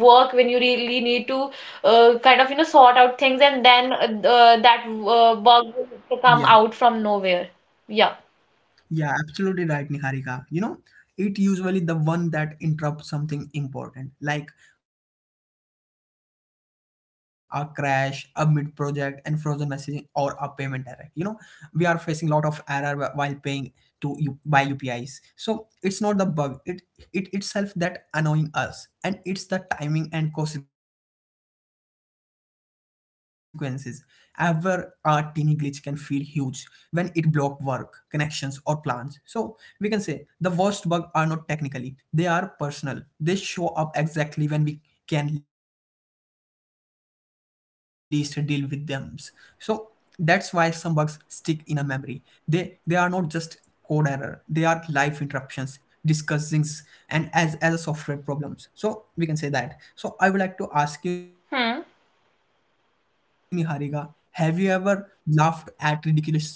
B: work, when you really need to kind of, you know, sort out things, and then
A: yeah.
B: that bug will come out from nowhere. Yeah.
A: Yeah, absolutely right, Niharika. You know, it usually the one that interrupts something important, like a crash, a mid-project, and frozen messaging, or a payment error. You know, we are facing lot of error while paying, to you by UPIs. So it's not the bug, it itself that annoying us. And it's the timing and consequences. Ever a teeny glitch can feel huge when it block work, connections or plans. So we can say the worst bug are not technically, they are personal. They show up exactly when we can least deal with them. So that's why some bugs stick in a memory. They are not just code error, they are life interruptions, discussings, and as a software problems, so we can say that. So I would like to ask you, Niharika, have you ever
B: Hmm.
A: laughed at ridiculous glitch instead of dragging? Yeah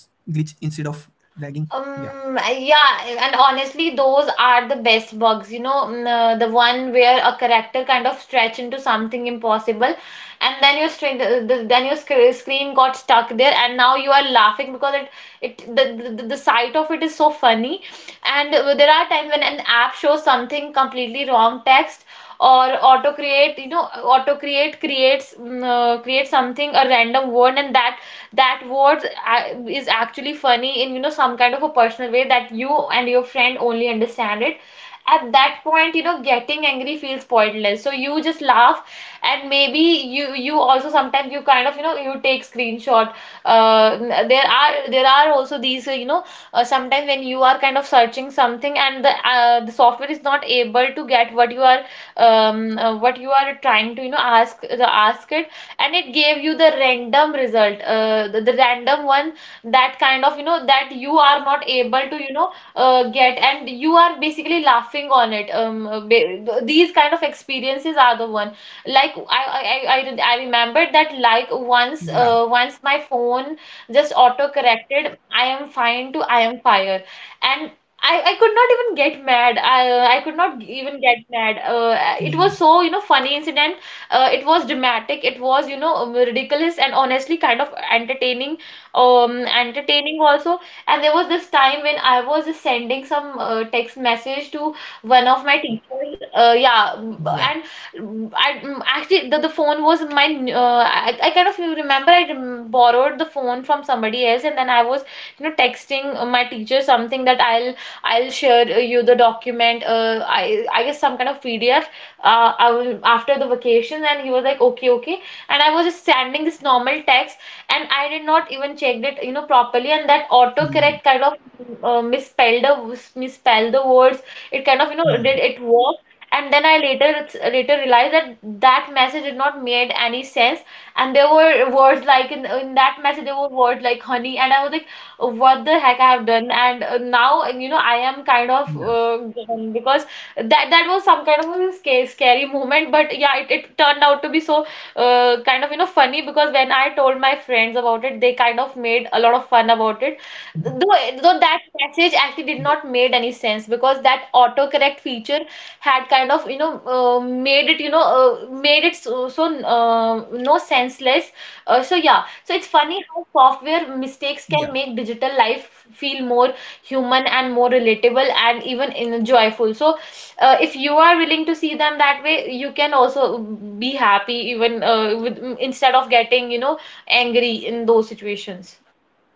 B: Yeah, and honestly, those are the best bugs, you know, the one where a character kind of stretch into something impossible, and then your string, then your screen got stuck there, and now you are laughing because it, the sight of it is so funny. And there are times when an app shows something completely wrong text or auto create, you know, auto create creates creates something a random word, and that word is actually funny in you know some kind of a personal way that you and your friend only understand it at that point, you know, getting angry feels pointless, so you just laugh. And maybe you also sometimes you kind of, you know, you take screenshot. uh there are also these you know, sometimes when you are kind of searching something and the software is not able to get what you are trying to, you know, ask the ask it, and it gave you the random result, the random one that kind of, you know, that you are not able to, you know, get. And you are basically laughing on it. These kind of experiences are the one. like I
A: yeah
B: I I remembered that, like, once once my phone just auto corrected I am fine to I am fire. And I could not even get mad. I could not
A: yeah
B: even get mad. It was so, you know, funny incident. It was dramatic, it was, you know, ridiculous, and honestly kind of entertaining, entertaining also. And there was this time when I was sending some text message to one
A: yeah
B: of
A: yeah
B: my teachers, yeah, and I actually, the phone was my I kind of remember I borrowed the phone from somebody else, and then I was, you know, texting my teacher something that I'll share you the document. I guess some kind of PDF. I was, after the vacation, and he was like, okay, okay, and I was just sending this
A: yeah
B: normal text, and I did not even checked it, you know, properly, and that autocorrect
A: Hmm.
B: kind of misspelled the words. It kind of, you know, did
A: Hmm.
B: it work. And then I later realized that that message did not made any sense,
A: Hmm.
B: and there were words like, in that message there were words like honey, and I was like, what the heck I have done. And now, you know, I am kind of
A: yeah
B: given, because that that was some kind of a scary, scary moment. But yeah, it turned out to be so kind of, you know, funny, because when I told my friends about
A: Mhm.
B: it, they kind of made a lot of fun about it, though
A: yeah
B: that message actually did not made any sense, because that autocorrect feature had kind of, you know, made it, you know, made it so no senseless. So
A: yeah
B: yeah, so it's funny how software mistakes can make digital life feel more human and more relatable and even in joyful. So if you are willing to see them that way, you can also be happy even with, instead of getting, you know, angry in those
A: Hmm.
B: situations.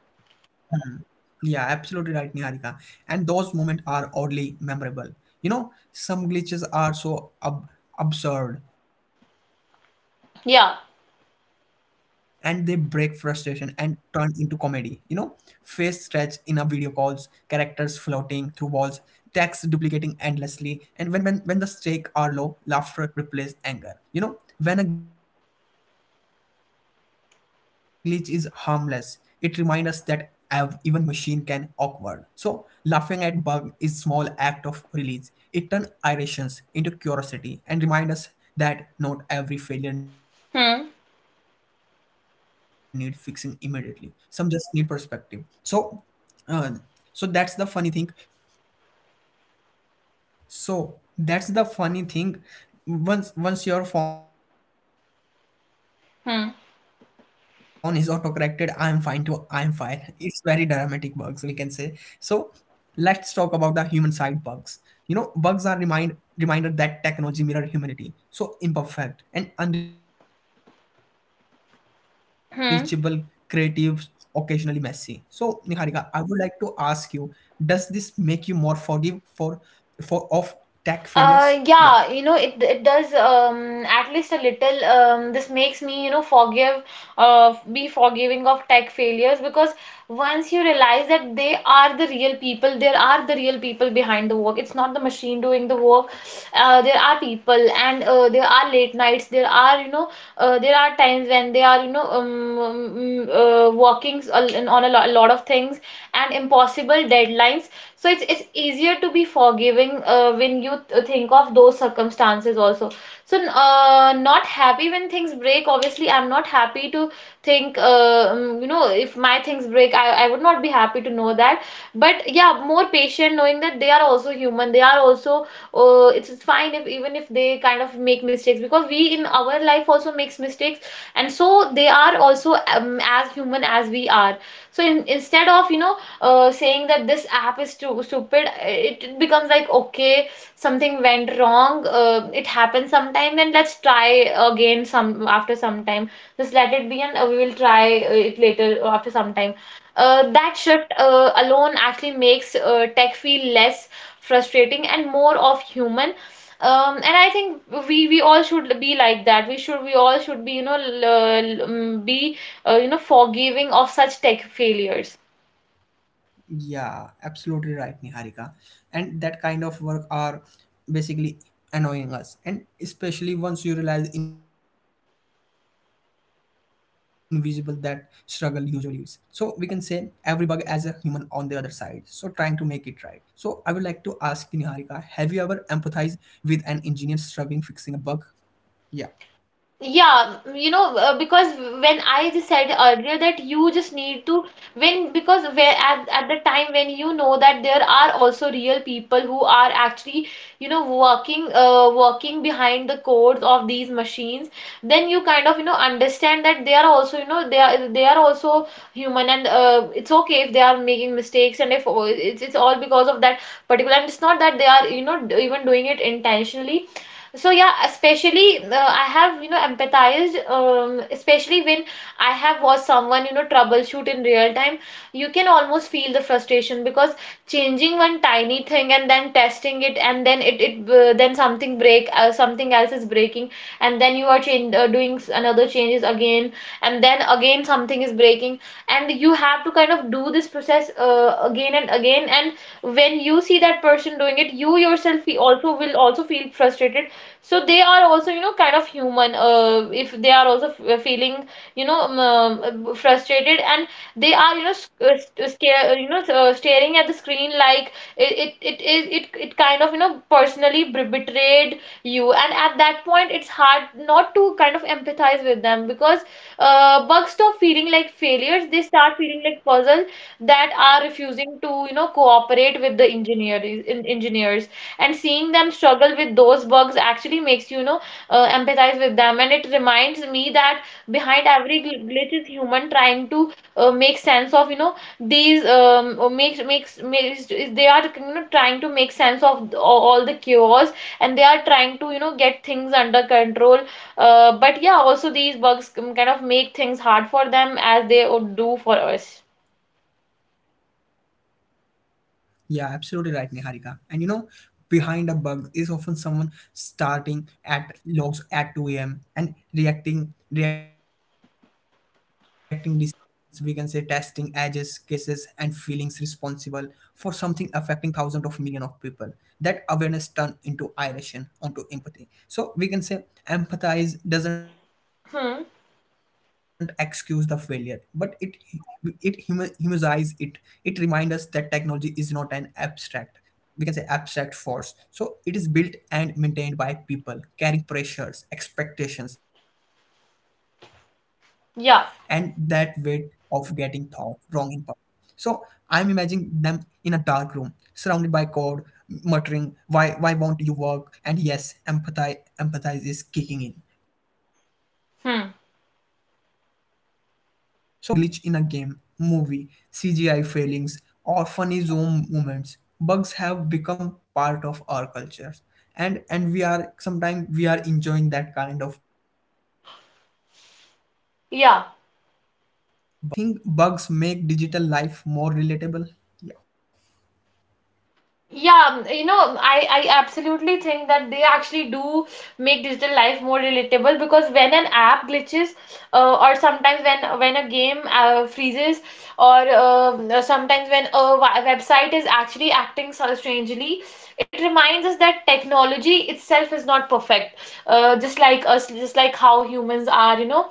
A: Yeah, absolutely right, Niharika. And those moments are oddly memorable. You know, some glitches are so absurd, and they break frustration and
B: Yeah.
A: turn into comedy. You know, face stretched in a video calls, characters floating through walls, text duplicating endlessly, and when the stakes are low, laughter replaces anger. You know, when a glitch is harmless, it reminds us that even machine can awkward. So laughing at bug is small act of release. It turns irritations into curiosity and remind us that not every failure need fixing immediately.
B: Hmm.
A: Some just need perspective. so uh, so that's the funny thing. so that's the funny thing once your phone is autocorrected, I am fine too. I am fine.
B: Hmm.
A: It's very dramatic bugs, we can say. So let's talk about the human side bugs. You know, bugs are remind reminder that technology mirror humanity, so imperfect and unreachable, creative, occasionally messy. So Niharika,
B: Hmm.
A: I would like to ask you, does this make you more forgive for of tech failures? Yeah.
B: Yeah, you know, it does, at least a little. This makes me, you know, forgive, be forgiving of tech failures, because once you realize that they are the real people, there are the real people behind the work. It's not the machine doing the work. There are people, and there are late nights. There are, you know, there are times when they are, you know, working on a a lot of things and impossible deadlines. So it's easier to be forgiving when you think of those circumstances also. So not happy when things break. Obviously, I'm not happy to think. You know, if my things break, I would not be happy to know that. But yeah, more patient, knowing that they are also human. They are also. It's fine if even if they kind of make mistakes, because we in our life also makes mistakes, and so they are also as human as we are. So instead of, you know, saying that this app is too stupid, it becomes like, okay, something went wrong. It happens sometime, and let's try again some after some time. Just let it be, and we will try it later after some time. That shift alone actually makes tech feel less frustrating and more of human. And I think we all should be like that. We all should be, you know, be you know, forgiving of such tech failures.
A: Yeah, absolutely right, Niharika. And that kind of work are basically annoying us, and especially once you realize invisible that struggle usually is. So we can say every bug as a human on the other side. So trying to make it right. So I would like to ask you, Niharika, have you ever empathized with an engineer struggling fixing a bug? Yeah.
B: Yeah, you know, because when I just said earlier that you just need to, when because where at the time when you know that there are also real people who are actually, you know, working behind the codes of these machines, then you kind of, you know, understand that they are also, you know, they are also human. And it's okay if they are making mistakes, and if oh, it's all because of that particular, and it's not that they are, you know, even doing it intentionally. So yeah, especially I have, you know, empathized, especially when I have watched someone, you know, troubleshoot in real time. You can almost feel the frustration, because changing one tiny thing and then testing it, and then it then something break, something else is breaking, and then you are doing another changes again, and then again something is breaking, and you have to kind of do this process again and again. And when you see that person doing it, also will also feel frustrated. So they are also, you know, kind of human. If they are also feeling, you know, frustrated, and they are, you know, you know, staring at the screen like it kind of, you know, personally betrayed you. And at that point, it's hard not to kind of empathize with them, because bugs stop feeling like failures, they start feeling like puzzles that are refusing to, you know, cooperate with the engineers in engineers and seeing them struggle with those bugs actually makes, you know, empathize with them. And it reminds me that behind every glitch is human trying to make sense of, you know, these or makes makes makes they are, you know, trying to make sense of all the chaos, and they are trying to, you know, get things under control. But yeah, also these bugs kind of make things hard for them as they would do for us.
A: Yeah, absolutely right, Niharika. And you know, behind a bug is often someone starting at logs at 2 a.m. and reacting, so we can say testing edges cases and feelings responsible for something affecting thousands of millions of people. That awareness turned into irritation onto empathy. So we can say empathize doesn't excuse the failure, but it
B: Hmm.
A: it humanizes it. It reminds us that technology is not an abstract, we can say abstract force. So it is built and maintained by people carrying pressures, expectations, and that weight of getting thought wrong
B: Yeah.
A: in. So I'm imagining them in a dark room, surrounded by code, muttering, why won't you work? And yes, empathize is kicking in. So let's talk about the bugs
B: Hmm.
A: in a pop culture. You know, remembering a glitch in a game, movie, CGI failings, or funny zoom moments. Bugs have become part of our cultures. And we are sometimes we are enjoying that kind of bugs. So I would like to ask
B: Yeah.
A: you, Nihar, do you think bugs make digital life more relatable? Yeah,
B: Yeah, you know, I absolutely think that they actually do make digital life more relatable, because when an app glitches, or sometimes when a game freezes, or sometimes when a website is actually acting so strangely, it reminds us that technology itself is not perfect. Just like us, just like how humans are, you know.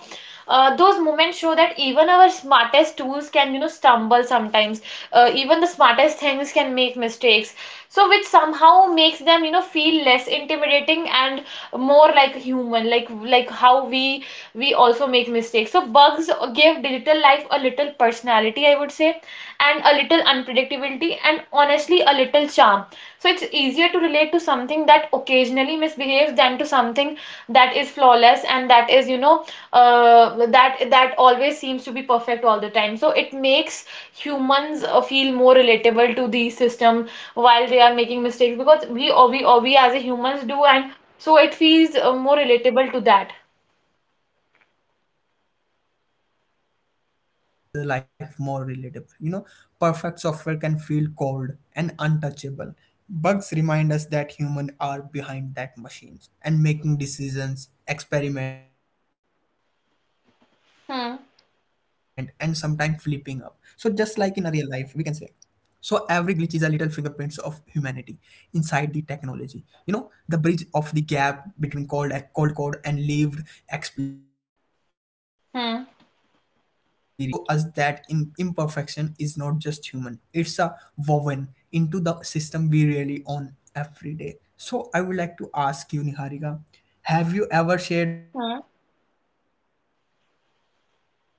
B: Those moments show that even our smartest tools can, you know, stumble sometimes. Even the smartest things can make mistakes, so which somehow makes them, you know, feel less intimidating and more like human, like how we also make mistakes. So bugs give digital life a little personality, I would say, and a little unpredictability, and honestly a little charm. So it's easier to relate to something that occasionally misbehaves than to something that is flawless, and that is, you know, that always seems to be perfect all the time. So it makes humans feel more relatable to the system while they are making mistakes, because we as a humans do, and so it feels more relatable to that.
A: yeah, absolutely right, Niharika. And you know, bugs actually make digital life more relatable. You know, perfect software can feel cold and untouchable. Bugs remind us that humans are behind that machines and making decisions, experiment, and sometimes flipping up. So just like in a
B: Hmm.
A: real life, we can say. So every glitch is a little fingerprints of humanity inside the technology. You know, the bridge of the gap between cold code and lived experience. When software felt,
B: Hmm.
A: we can say, filtered, it show us that in, imperfection is not just human. It's a woven into the system we really own every day. So I would like to ask you, Niharika, have you ever shared a
B: Hmm.
A: bug moment with friends or for laughing? Yeah.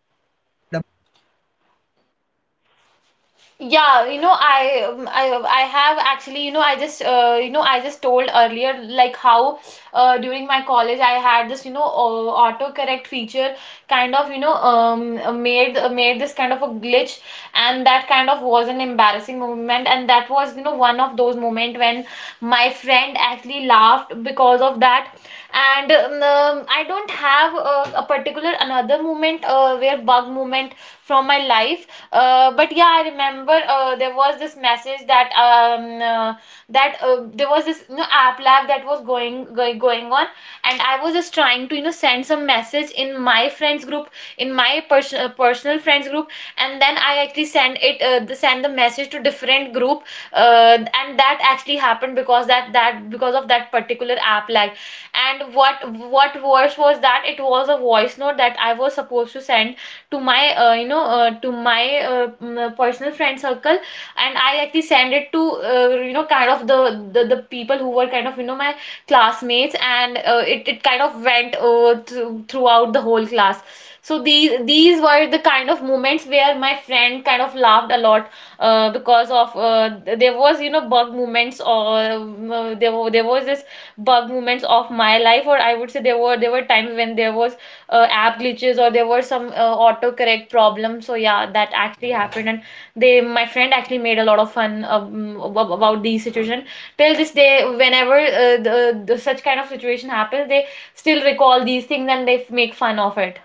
B: Yeah, you know, I have actually, you know, I just you know, I just told earlier like how during my college I had this, you know, autocorrect feature kind of, you know, made this kind of a glitch, and that kind of was an embarrassing moment, and that was, you know, one of those moment when my friend actually laughed because of that. And I don't have a particular another moment where bug moment from my life, but yeah, I remember there was this message that there was this app lab that was going on, and I was just trying to send some message in my friends group, in my personal friends group, and then I actually send it the send the message to different group, and that actually happened because that that because of that particular app lag, and what worse was that it was a voice note that I was supposed to send to my to my personal friend circle, and I actually send it to kind of the people who were kind of my classmates, and it kind of went throughout the whole class. So these were the kind of moments where my friend kind of laughed a lot because of there was bug moments, or there was this bug moments of my life, or I would say there were times when there was app glitches, or there were some autocorrect problems. So yeah, that actually happened, and they my friend actually made a lot of fun about these situation. Till this day, whenever the such kind of situation happens, they still recall these things and they make fun of it.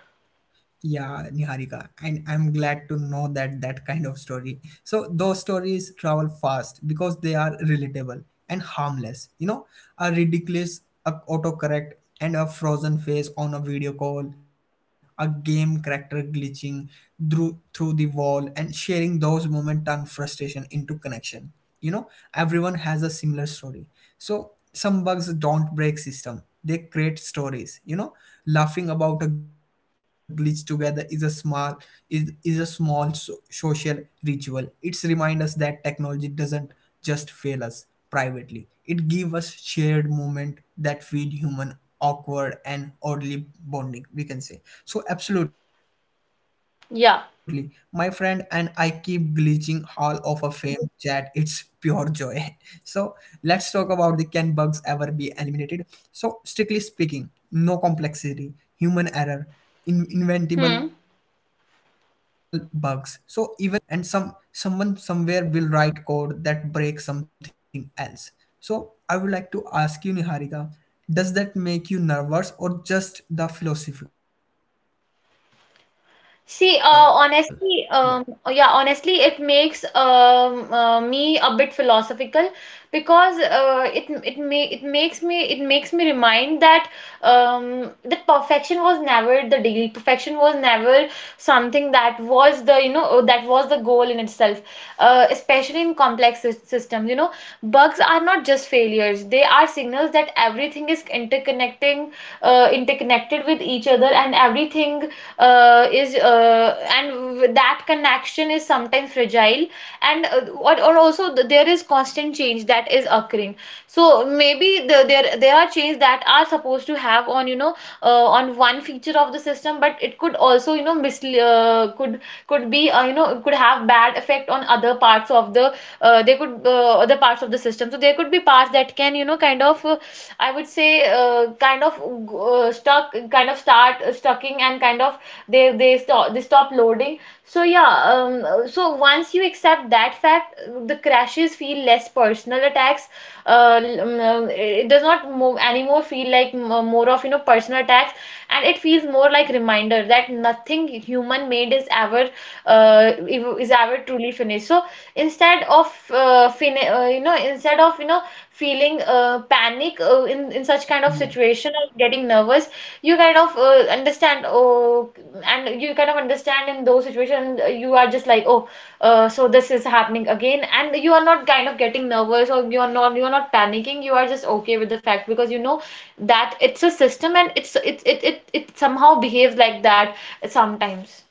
A: Yeah, Niharika, and I'm glad to know that that kind of story. So those stories travel fast because they are relatable and harmless. You know, a ridiculous a autocorrect and a frozen face on a video call, a game character glitching through the wall, and sharing those moments turn frustration into connection. You know, everyone has a similar story. So some bugs don't break system; they create stories. You know, laughing about a glitch together is a small is a small so- social ritual. It's remind us that technology doesn't just fail us privately. It gives us shared moment that feed human awkward and oddly bonding, we can say. So absolutely, my friend and I
B: Yeah.
A: keep glitching Hall of a Fame chat. It's pure joy. about the can bugs ever be eliminated. So strictly speaking, no complexity, human error, in- inventable bugs. So even with AI,
B: Hmm.
A: testing and automate the code review, and some someone somewhere will write code that breaks something else. So I would like to ask you, Niharika, does that make you nervous or just the philosophical? Yeah.
B: See, honestly, it makes me a bit philosophical because it makes me remind that that perfection was never the deal. Perfection was never something that was the that was the goal in itself. Especially in complex systems, you know, bugs are not just failures. They are signals that everything is interconnecting, interconnected with each other, and everything that connection is sometimes fragile, and or also th- there is constant change that is occurring. So maybe there are changes that are supposed to have on on one feature of the system, but it could also could be could have bad effect on other parts of the there could other parts of the system. So there could be parts that can, you know, kind of, I would say, kind of stuck, kind of start stucking and kind of they stop loading. So yeah, so once you accept that fact, the crashes feel less personal attacks. It does not anymore feel like more of personal attacks, and it feels more like reminder that nothing human made is ever is ever truly finished. So instead of fin you know instead of feeling panic in such kind of situation or getting nervous, you kind of understand, oh, and you kind of understand in those situations you are just like, oh, so this is happening again, and you are not kind of getting nervous, or you are not panicking. You are just okay with the fact because you know that it's a system, and it's it it it, it somehow behaves like that sometimes.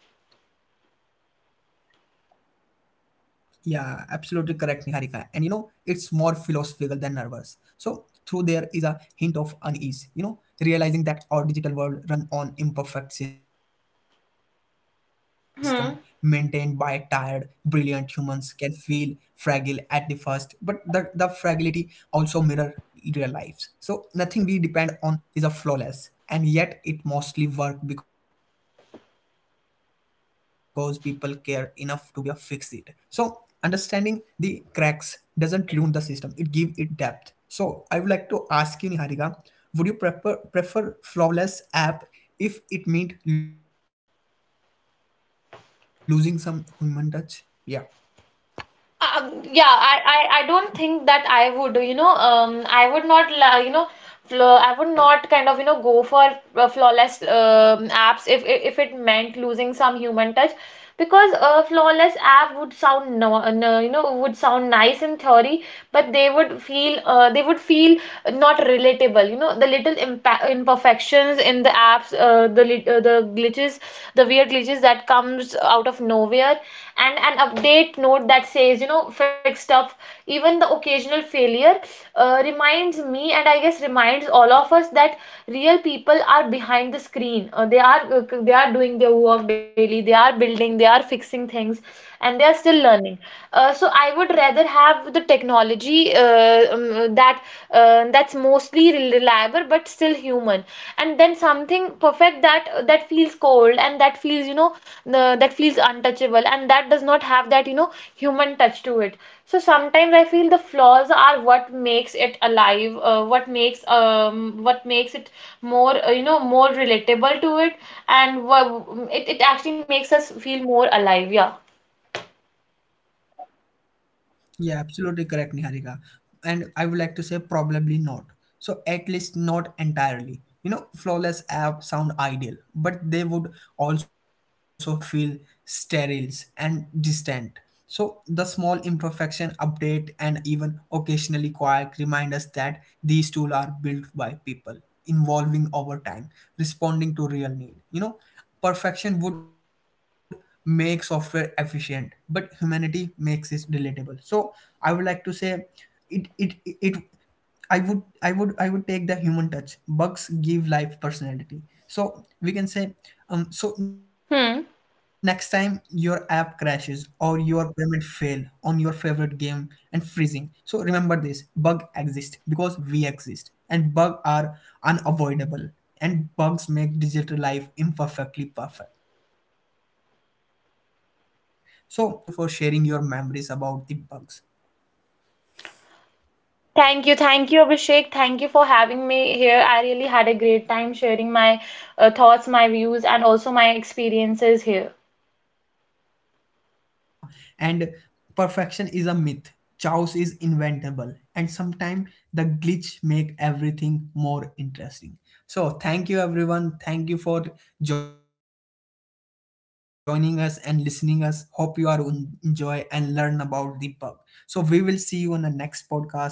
A: Yeah, absolutely correct, Niharika. And you know, it's more philosophical than nervous. So, through there is a hint of unease, you know, realizing that our digital world run on imperfect system maintained by tired, brilliant humans
B: Hmm.
A: can feel fragile at the first, but the fragility also mirror real lives. So nothing we depend on is a flawless, and yet it mostly work because people care enough to be a fix it. So understanding the cracks doesn't ruin the system; it give it depth. So I would like to ask you, Niharika, would you prefer flawless app if it meant losing some human touch? Yeah.
B: Yeah, I don't think that I would, you know, I would not, la- you know, flaw I would not kind of go for flawless apps if it meant losing some human touch, because a flawless app would sound no, no you know would sound nice in theory, but they would feel not relatable. You know, the little imperfections in the apps, the glitches, the weird glitches that comes out of nowhere, and an update note that says, you know, fixed up, even the occasional failure reminds me, and I guess reminds all of us, that real people are behind the screen. They are doing their work daily. They are building. They are fixing things, and they are still learning. So I would rather have the technology that that's mostly be reliable but still human, and then something perfect that feels cold, and that feels, you know, that feels untouchable, and that does not have that, you know, human touch to it. So sometimes I feel the flaws are what makes it alive, what makes it more, more relatable to it, and it, it actually makes us feel more alive. Yeah.
A: Yeah, absolutely correct, Niharika. And I would like to say probably not. So at least not entirely. You know, flawless app sound ideal, but they would also feel sterile and distant. So the small imperfection update and even occasionally quark remind us that these tools are built by people, evolving over time, responding to real need. You know, perfection would make software efficient, but humanity makes it relatable. So I would like to say it it it I would take the human touch. Bugs give life personality. So we can say, um, so next time your app crashes or your
B: Hmm.
A: payment fail on your favorite game and freezing. So remember this bug exist because we exist, and bugs are unavoidable, and bugs make digital life imperfectly perfect. So I would like to say thank you Niharika, thank you for joining us and thank you for sharing your memories about the bugs.
B: Thank you. Thank you, Abhishek. Thank you for having me here. I really had a great time sharing my thoughts, my views, and also my experiences here.
A: Thank you so much, Niharika. And perfection is a myth. Chaos is inventable, and sometimes the glitch make everything more interesting. So thank you, everyone. Thank you for joining us and listening us. Hope you are un- enjoy and learn about the bug. So we will see you on the next podcast. Take care. Bye bye.